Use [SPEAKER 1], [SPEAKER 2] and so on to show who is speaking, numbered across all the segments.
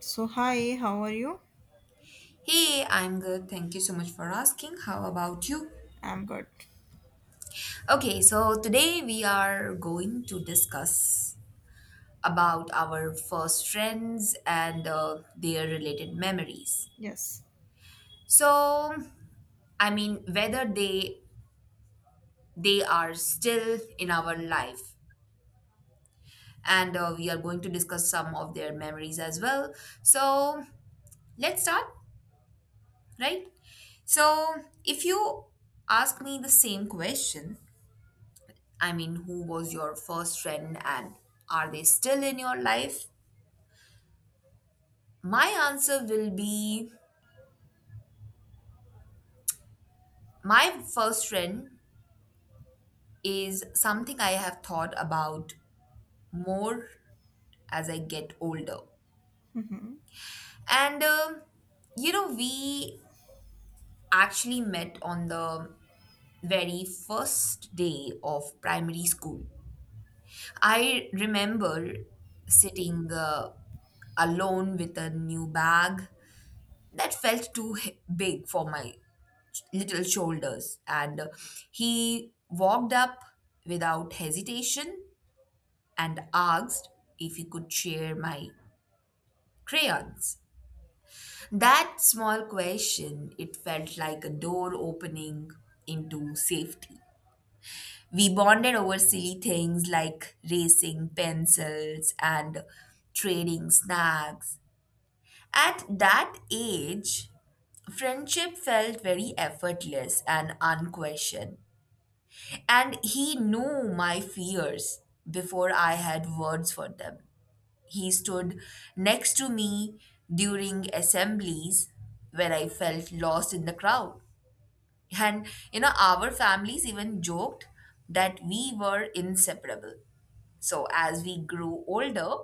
[SPEAKER 1] So, hi, how are you?
[SPEAKER 2] Hey, I'm good. Thank you so much for asking. How about you?
[SPEAKER 1] I'm good.
[SPEAKER 2] Okay, so today we are going to discuss about our first friends and their related memories.
[SPEAKER 1] Yes.
[SPEAKER 2] So, I mean, whether they are still in our life, and we are going to discuss some of their memories as well. So, let's start, right? So, if you ask me the same question, I mean, who was your first friend and are they still in your life? My answer will be my first friend is something I have thought about more as I get older.
[SPEAKER 1] Mhm.
[SPEAKER 2] And, you know, we actually met on the very first day of primary school. I remember sitting alone with a new bag that felt big for my little shoulders, and he walked up without hesitation and asked if he could share my crayons. That small question, it felt like a door opening into safety. We bonded over silly things like racing pencils and trading snacks. At that age, friendship felt very effortless and unquestioned. And he knew my fears before I had words for them. He stood next to me during assemblies where I felt lost in the crowd. And, you know, our families even joked that we were inseparable. So, as we grew older,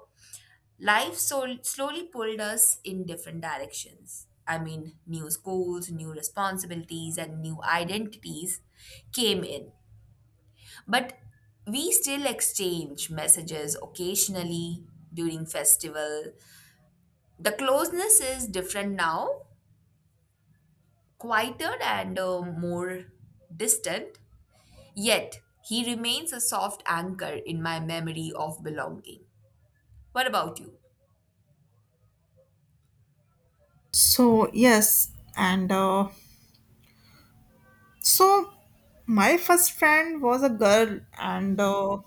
[SPEAKER 2] life slowly pulled us in different directions. I mean, new schools, new responsibilities, and new identities came in. But we still exchange messages occasionally during festival. The closeness is different now, quieter and more distant. Yet he remains a soft anchor in my memory of belonging. What about you?
[SPEAKER 1] So, yes, and so my first friend was a girl, and
[SPEAKER 2] Mhm.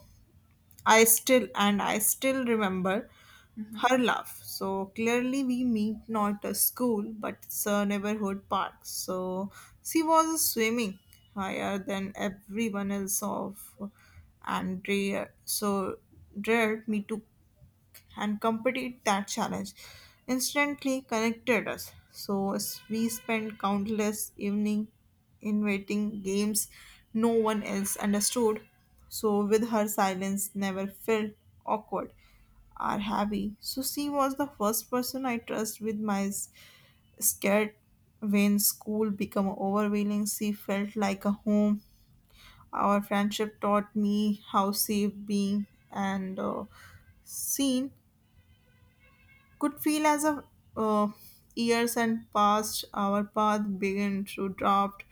[SPEAKER 1] I still remember her laugh. So clearly, we meet not a school, but it's a neighborhood park. So she was swimming higher than everyone else of and dared dared me to and completed that challenge instantly connected us. So we spent countless evening inventing games no one else understood. So with her silence never felt awkward or heavy. So she was the first person I trust with my scared when school became overwhelming. She felt like a home. Our friendship taught me how safe being and seen could feel as of uh, years and past our path began to drift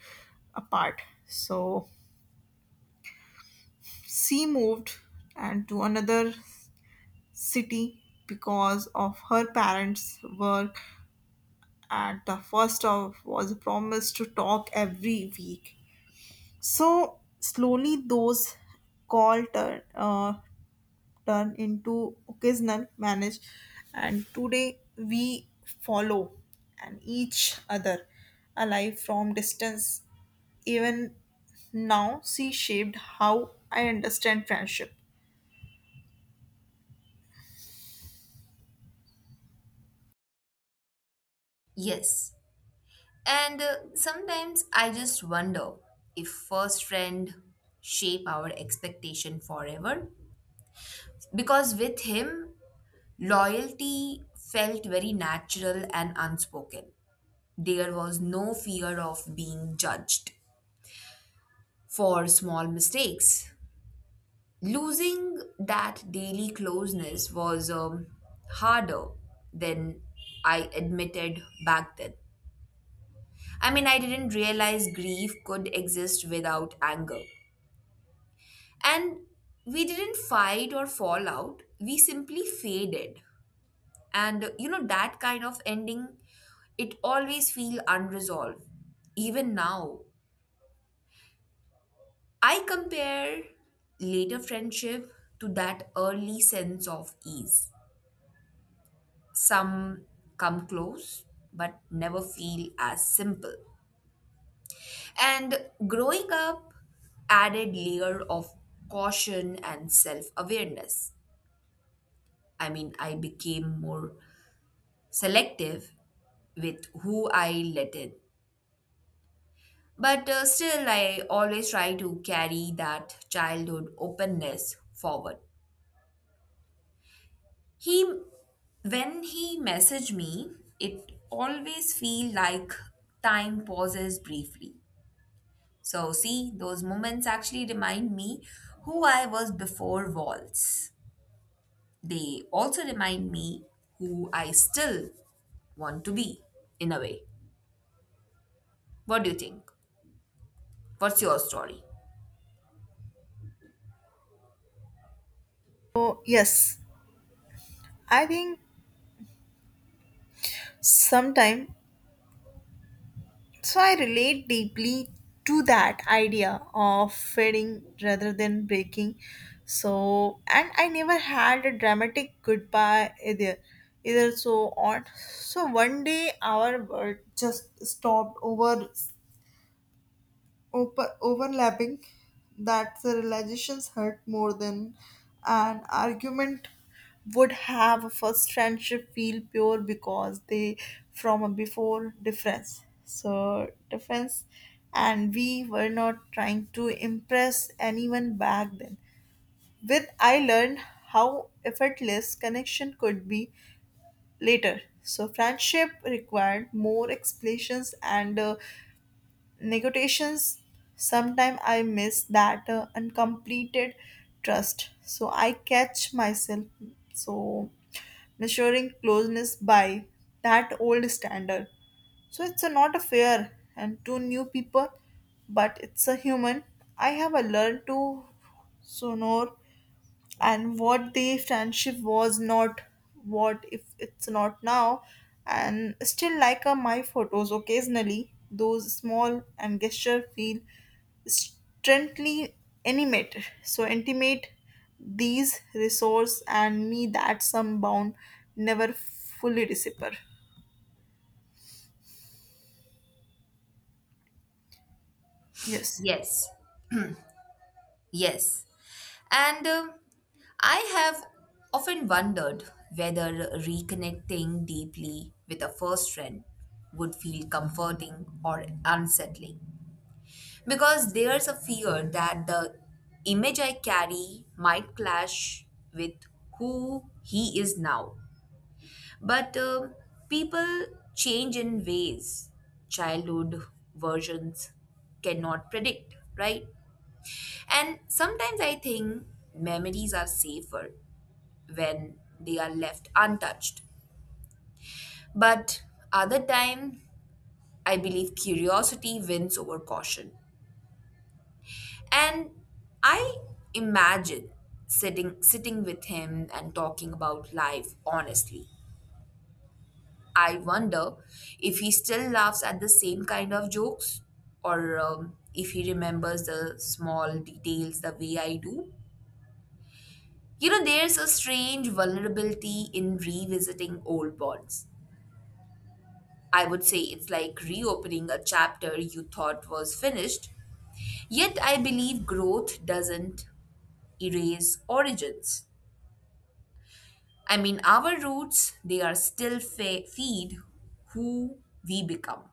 [SPEAKER 1] apart, so she moved and to another city because of her parents work, and the first of was promised to talk every week. So slowly those call turned turn into occasional manage, and today we follow and each other alive from distance. Even now she shaped how I understand friendship.
[SPEAKER 2] Yes. And sometimes I just wonder if first friend shape our expectation forever because with him loyalty felt very natural and unspoken. There was no fear of being judged for small mistakes. Losing that daily closeness was harder than I admitted back then. I mean, I didn't realize grief could exist without anger. And we didn't fight or fall out, we simply faded. and that kind of ending, it always feel unresolved. Even now, I compare later friendship to that early sense of ease. Some come close but never feel as simple. And growing up added layer of caution and self awareness. I mean, I became more selective with who I let in. But still, I always try to carry that childhood openness forward. He, when he messaged me, it always feel like time pauses briefly. So see, those moments actually remind me who I was before walls. They also remind me who I still want to be, in a way. What do you think? What's your story?
[SPEAKER 1] So yes, I think sometime so I relate deeply to that idea of fading rather than breaking. So and I never had a dramatic goodbye either. Either so on. So one day our world just stopped over overlapping, that the realizations hurt more than an argument would have. A first friendship feel pure because they from a before difference and we were not trying to impress anyone back then. With I learned how effortless connection could be later, so friendship required more explanations and negotiations. Sometimes I miss that uncompleted trust, so I catch myself so measuring closeness by that old standard. So it's a not a fair and to new people, but it's a human. I have a learned to sonor and what the friendship was not, what if it's not now. And still like my photos occasionally, those small and gesture feel strangely intimate, so intimate. These resource and me that some bound never fully disappear. Yes.
[SPEAKER 2] Yes, yes. And I have often wondered whether reconnecting deeply with a first friend would feel comforting or unsettling. Because there's a fear that the image I carry might clash with who he is now. But people change in ways childhood versions cannot predict, right? And sometimes I think memories are safer when they are left untouched. But other time, I believe curiosity wins over caution. And I imagine sitting with him and talking about life honestly. I wonder if he still laughs at the same kind of jokes or if he remembers the small details the way I do. You know, there's a strange vulnerability in revisiting old bonds. I would say it's like reopening a chapter you thought was finished. Yet I believe growth doesn't erase origins. I mean, our roots, they are still feed who we become.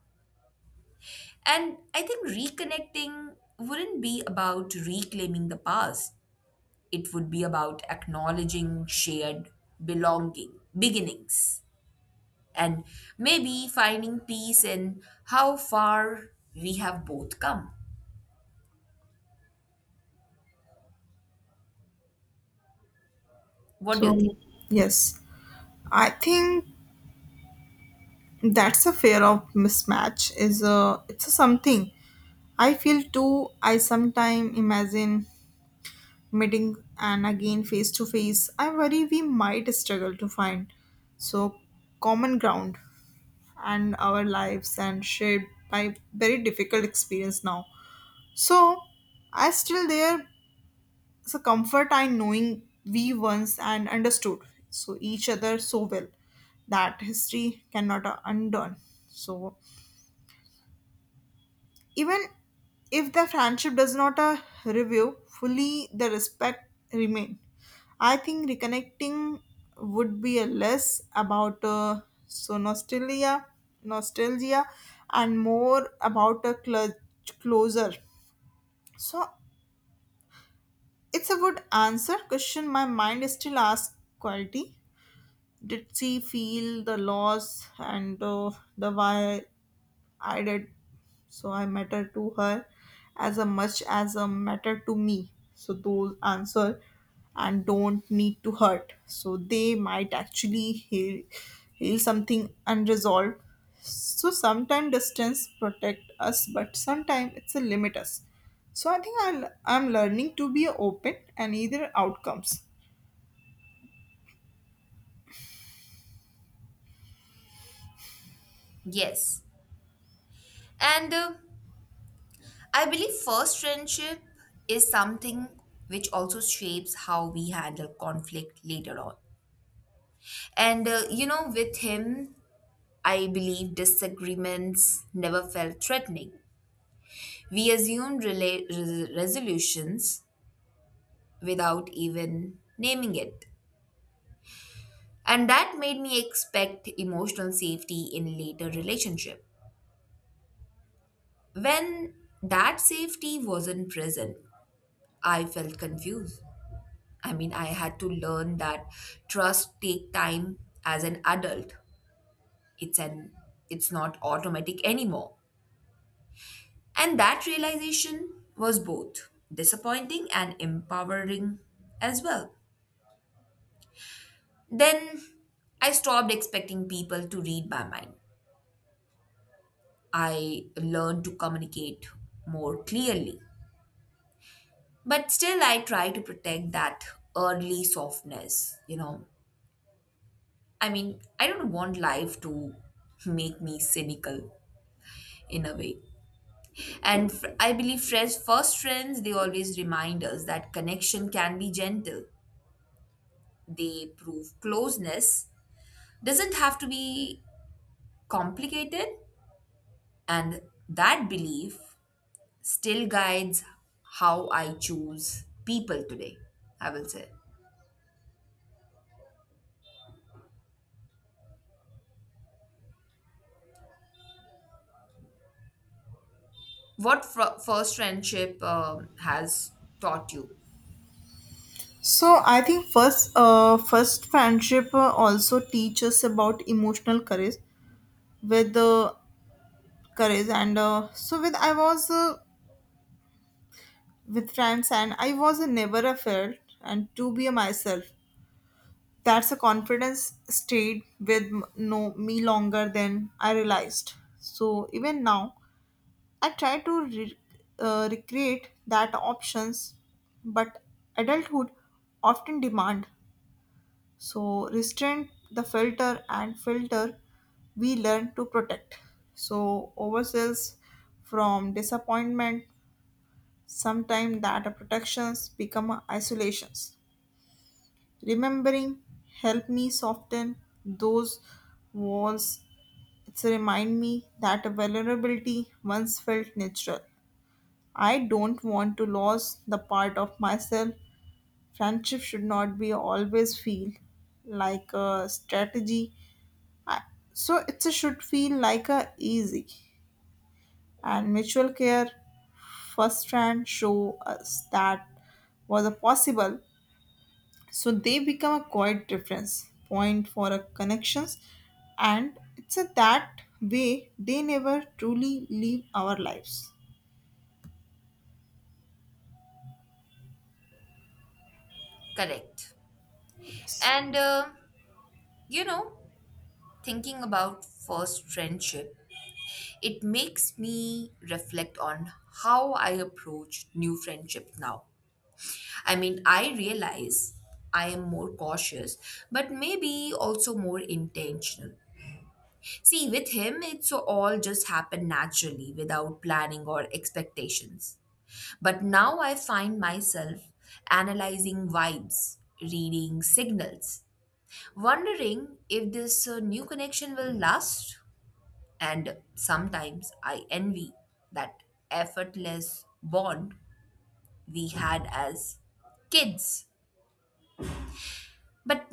[SPEAKER 2] And I think reconnecting wouldn't be about reclaiming the past, it would be about acknowledging shared belonging, beginnings, and maybe finding peace in how far we have both come. What do you think?
[SPEAKER 1] So yes, I think that's a fear of mismatch is a it's a something I feel too. I sometimes imagine meeting and again face to face. I worry we might struggle to find so common ground, and our lives and shared by very difficult experience now. So I still there is a comfort I knowing we once and understood so each other so well that history cannot undone. So even if the friendship does not review fully, the respect remain. I think reconnecting would be a less about so nostalgia, nostalgia, and more about a closer. So it's a good answer question. My mind still asks quality. Did she feel the loss and the why I did. So I matter to her as a much as a matter to me. So those answer and don't need to hurt. So they might actually heal something unresolved. So sometimes distance protect us, but sometimes it's a limit us. So I think I'm learning to be open and either outcomes.
[SPEAKER 2] Yes. And I believe first friendship is something which also shapes how we handle conflict later on. And you know, with him, I believe disagreements never felt threatening. We assumed resolutions without even naming it. And that made me expect emotional safety in later relationship. When that safety wasn't present, I felt confused. I mean, I had to learn that trust take time as an adult. It's an it's not automatic anymore. And that realization was both disappointing and empowering as well. Then I stopped expecting people to read my mind. I learned to communicate more clearly. But still I try to protect that early softness, you know. I mean, I don't want life to make me cynical in a way. And I believe friends, first friends, they always remind us that connection can be gentle. They prove closeness doesn't have to be complicated, and that belief still guides how I choose people today. I will say what first friendship has taught you.
[SPEAKER 1] So I think first friendship also teaches about emotional courage, where the courage and so with I was with friends and I was a never afraid, and to be myself. That's a confidence stayed with no me longer than I realized. So even now I try to recreate that options, but adulthood often demand so restrain the filter. We learn to protect so oversells from disappointment. Sometimes that protections become isolations. Remembering help me soften those walls. It's remind me that vulnerability once felt natural. I don't want to lose the part of myself. Friendship should not be always feel like a strategy. I, so it should feel like a easy and mutual care. First hand show us that was a possible, so they become a quiet reference point for a connections, and it's a that way they never truly live our lives.
[SPEAKER 2] Correct.
[SPEAKER 1] Yes.
[SPEAKER 2] And you know, thinking about first friendship, it makes me reflect on how I approach new friendship now. I mean, I realize I am more cautious, but maybe also more intentional. See, with him, it's all just happened naturally without planning or expectations. But now I find myself analyzing vibes, reading signals, wondering if this new connection will last. And sometimes I envy that effortless bond we had as kids. But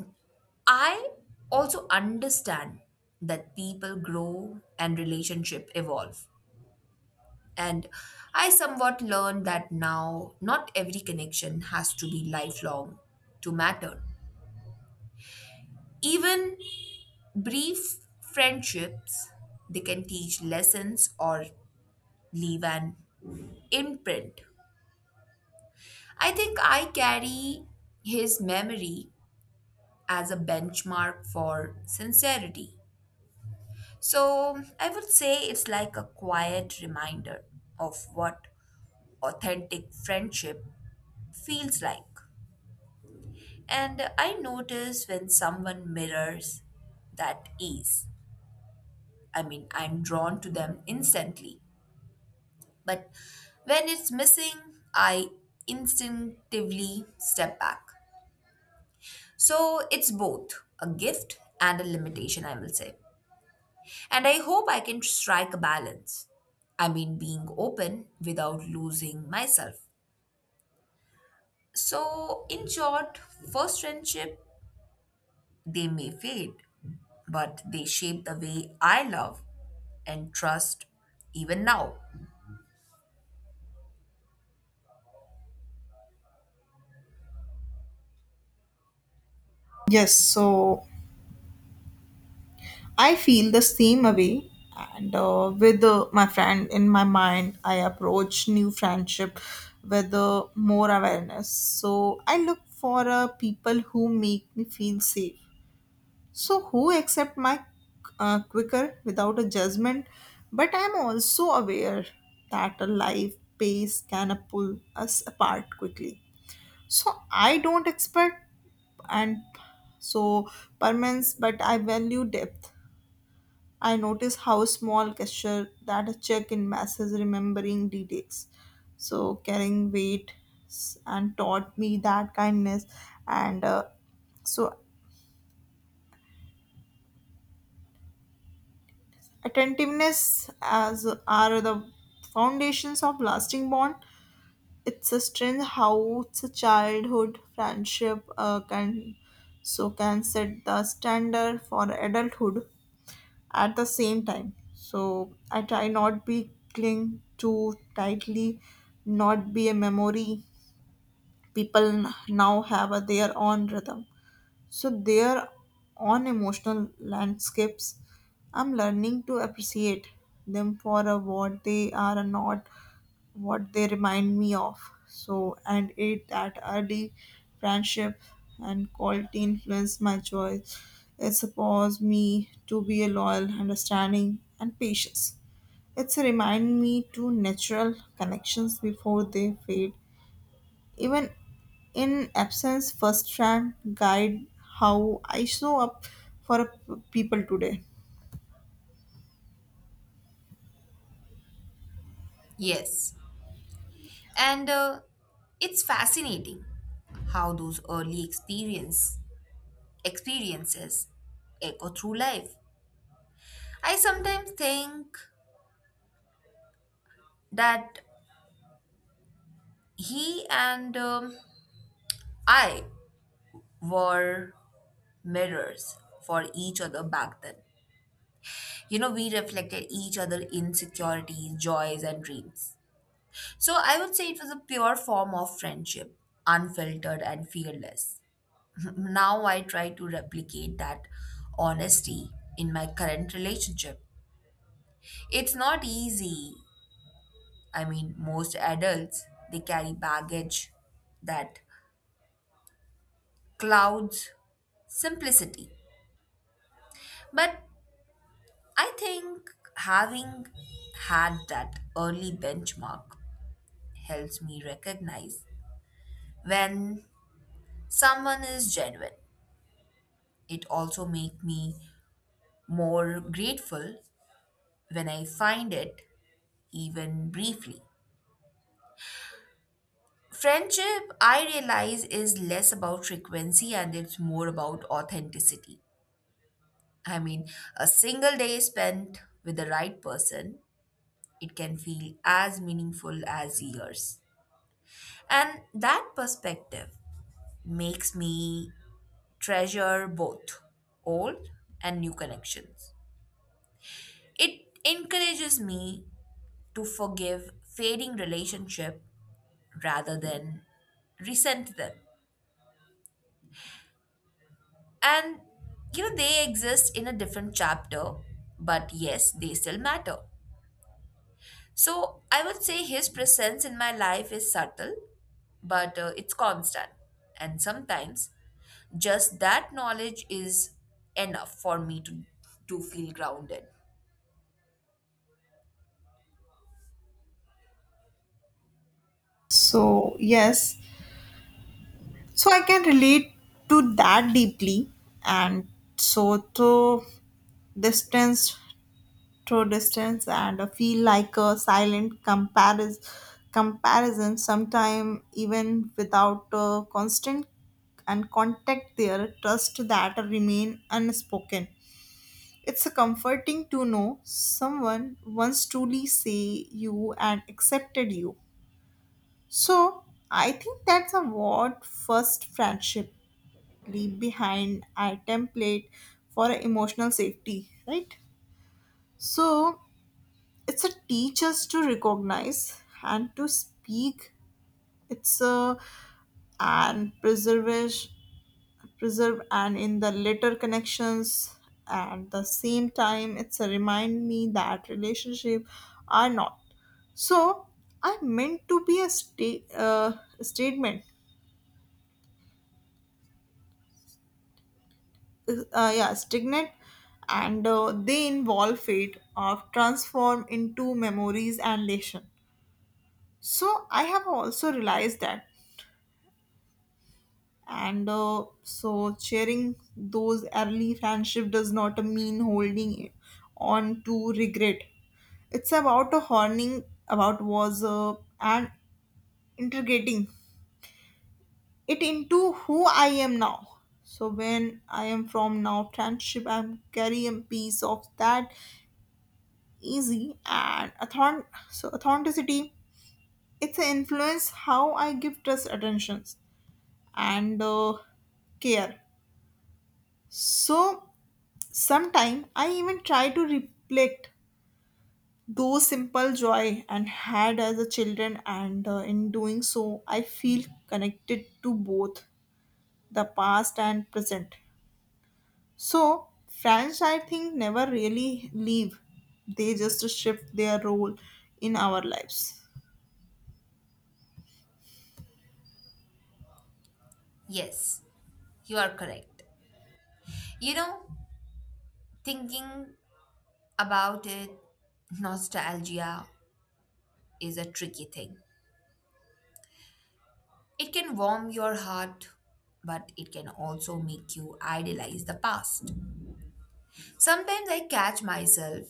[SPEAKER 2] I also understand that people grow and relationship evolve. And I somewhat learned that now not every connection has to be lifelong to matter. Even brief friendships, they can teach lessons or leave an imprint. I think I carry his memory as a benchmark for sincerity. So I would say it's like a quiet reminder of what authentic friendship feels like. And I notice when someone mirrors that ease. I mean, I'm drawn to them instantly. But when it's missing, I instinctively step back. So it's both a gift and a limitation, I will say. And I hope I can strike a balance. I mean, being open without losing myself. So, in short, first friendship, they may fade, but they shape the way I love and trust even now.
[SPEAKER 1] Yes, so I feel the same way, and with my friend in my mind. I approach new friendship with more awareness. So I look for people who make me feel safe. So, who accept my quicker without a judgment? But I'm also aware that a life pace can pull us apart quickly. So, I don't expect and so permanence, but I value depth. I notice how small gesture that a check in message remembering details. So, carrying weight and taught me that kindness and so attentiveness as are the foundations of lasting bond. It's a strange how it's a childhood friendship can so can set the standard for adulthood. At the same time, so I try not be cling too tightly, not be a memory. People now have a, their own rhythm, so there on emotional landscapes, I'm learning to appreciate them for what they are and not what they remind me of. So and it that early friendship and quality influence my choice. It supports me to be a loyal, understanding and patience. It's remind me to natural connections before they fade, even in absence. First track guide how I show up for people today.
[SPEAKER 2] Yes. And it's fascinating how those early experience experiences echo through life. I sometimes think that he and I were mirrors for each other back then. You know, we reflected each other insecurities, joys, and dreams. So I would say it was a pure form of friendship, unfiltered and fearless. Now I try to replicate that honesty in my current relationship. It's not easy. I mean, most adults, they carry baggage that clouds simplicity. But I think having had that early benchmark helps me recognize when someone is genuine. It also makes me more grateful when I find it, even briefly. Friendship, I realize, is less about frequency and it's more about authenticity. I mean, a single day spent with the right person, it can feel as meaningful as years. And that perspective makes me treasure both old and new connections. It encourages me to forgive fading relationship rather than resent them. And you know they exist in a different chapter, but yes, they still matter. So I would say his presence in my life is subtle, but it's constant. And sometimes just that knowledge is enough for me to feel grounded.
[SPEAKER 1] So, yes, so I can relate to that deeply, and so to distance distance, and I feel like a silent comparison sometime even without a constant and contact there, trust that remain unspoken. It's a comforting to know someone once truly say you and accepted you. So I think that's a what first friendship leave behind a template for emotional safety, right? So it's a teach us to recognize and to speak. It's a and preserve Preserve and in the later connections. At the same time it's a remind me that relationship are not so I meant to be a sta- statement yeah stagnant, and they involve fate of transform into memories and lesson. So I have also realized that and so sharing those early friendship does not mean holding on to regret. It's about a honing about was and integrating it into who I am now. So when I am from now friendship, I'm carrying a piece of that easy and authenticity. It's an influence how I give trust attentions and care. So sometimes I even try to reflect those simple joy and had as a children, and in doing so I feel connected to both the past and present. So friends I think never really leave. They just shift their role in our lives.
[SPEAKER 2] Yes, you are correct. You know, thinking about it, nostalgia is a tricky thing. It can warm your heart, but it can also make you idealize the past. Sometimes I catch myself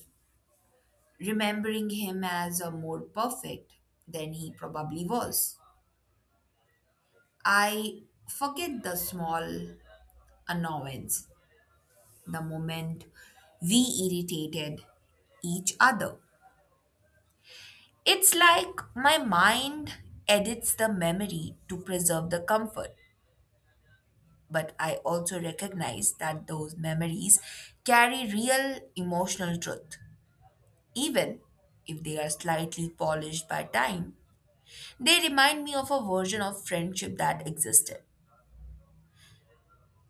[SPEAKER 2] remembering him as a more perfect than he probably was. I forget the small annoyance, the moment we irritated each other. It's like my mind edits the memory to preserve the comfort, but I also recognize that those memories carry real emotional truth, even if they are slightly polished by time. They remind me of a version of friendship that existed.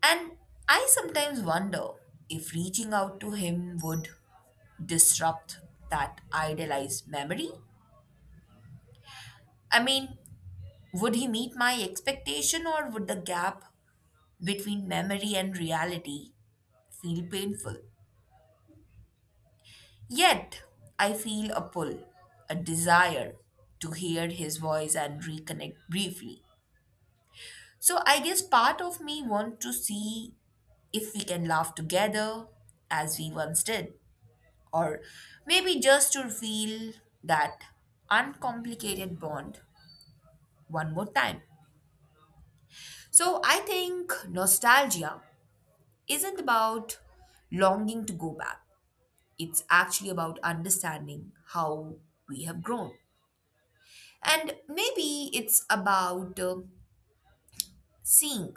[SPEAKER 2] And I sometimes wonder if reaching out to him would disrupt that idealized memory. I mean, would he meet my expectation or would the gap between memory and reality feel painful? Yet, I feel a pull, a desire to hear his voice and reconnect briefly. So, I guess part of me wants to see if we can laugh together as we once did or maybe just to feel that uncomplicated bond one more time. So, I think nostalgia isn't about longing to go back. It's actually about understanding how we have grown. And maybe it's about seeing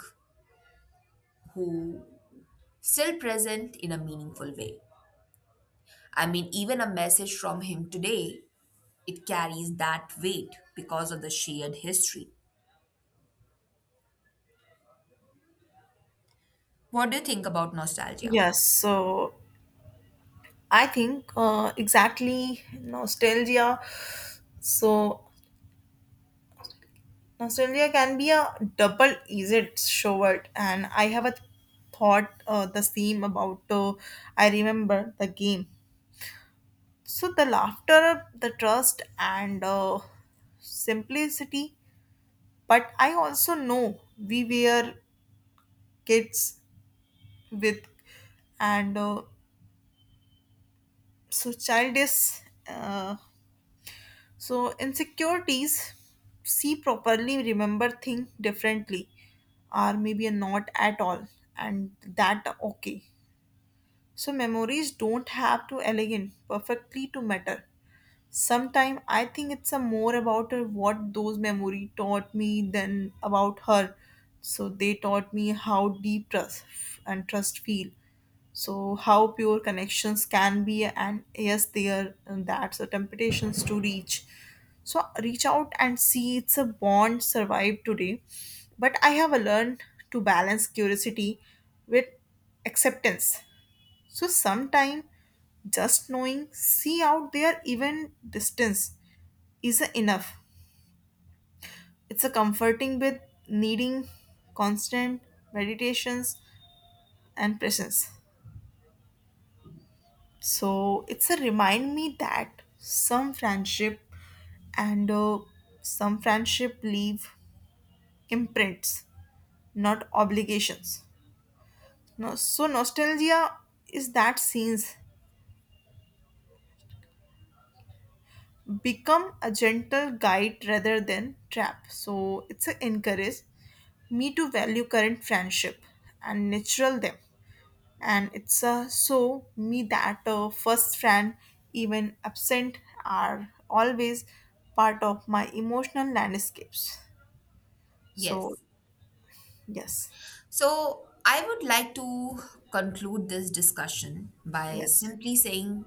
[SPEAKER 2] who still present in a meaningful way. I mean, even a message from him today, it carries that weight because of the shared history. What do you think about nostalgia?
[SPEAKER 1] Yes, so I think exactly nostalgia. So nostalgia can be a double-edged sword, and I have a thought the same about. I remember the game. So the laughter, the trust, and simplicity. But I also know we were kids with, and so childish. Uh, So insecurities see properly remember thing differently or maybe not at all, and that okay. So memories don't have to elegant perfectly to matter. Sometime I think it's a more about her what those memory taught me than about her. So they taught me how deep trust feel. So how pure connections can be, and yes, they are. And that's the temptations to reach. So reach out and see it's a bond survive today. But I have learned to balance curiosity with acceptance. So sometime just knowing see out there even distance is a enough. It's a comforting with needing constant meditations and presence. So it's a remind me that and uh, some friendship leave imprints, not obligations. No, so nostalgia is that scenes become a gentle guide rather than trap. So it's a encourage me to value current friendship and natural them, and it's so me that first friend even absent are always part of my emotional landscapes. So
[SPEAKER 2] Yes.
[SPEAKER 1] yes.
[SPEAKER 2] So I would like to conclude this discussion by
[SPEAKER 1] Yes.
[SPEAKER 2] simply saying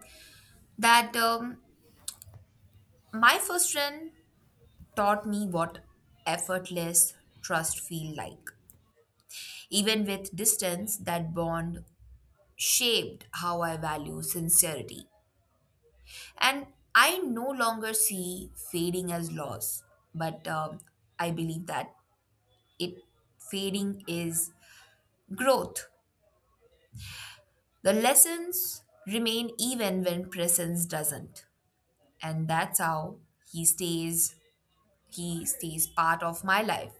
[SPEAKER 2] that my first friend taught me what effortless trust feel like. Even with distance, that bond shaped how I value sincerity. And I no longer see fading as loss, but I believe that it fading is growth. The lessons remain even when presence doesn't. And that's how he stays he stays part of my life.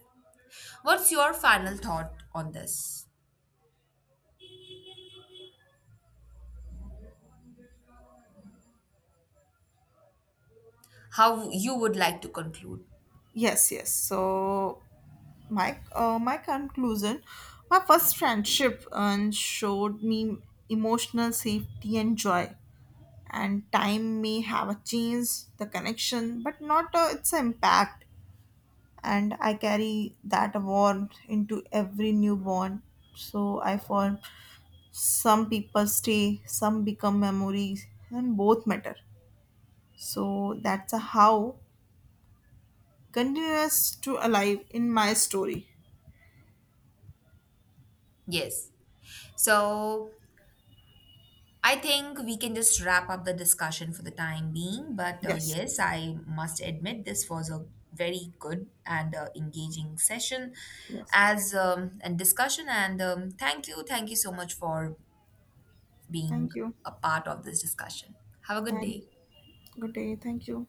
[SPEAKER 2] What's your final thought on this? How you would like to conclude?
[SPEAKER 1] So my conclusion, my first friendship showed me emotional safety and joy, and time may have a change the connection but not its impact, and I carry that warmth into every newborn. So I found some people stay, some become memories, and both matter. So that's a how continuous to alive in my story.
[SPEAKER 2] Yes. So I think we can just wrap up the discussion for the time being. But
[SPEAKER 1] Yes,
[SPEAKER 2] yes, I must admit this was a very good and engaging session
[SPEAKER 1] yes.
[SPEAKER 2] as and discussion. And thank you so much for being
[SPEAKER 1] Thank you.
[SPEAKER 2] a part of this discussion. Have a good
[SPEAKER 1] Thank.
[SPEAKER 2] day.
[SPEAKER 1] Good day. Thank you.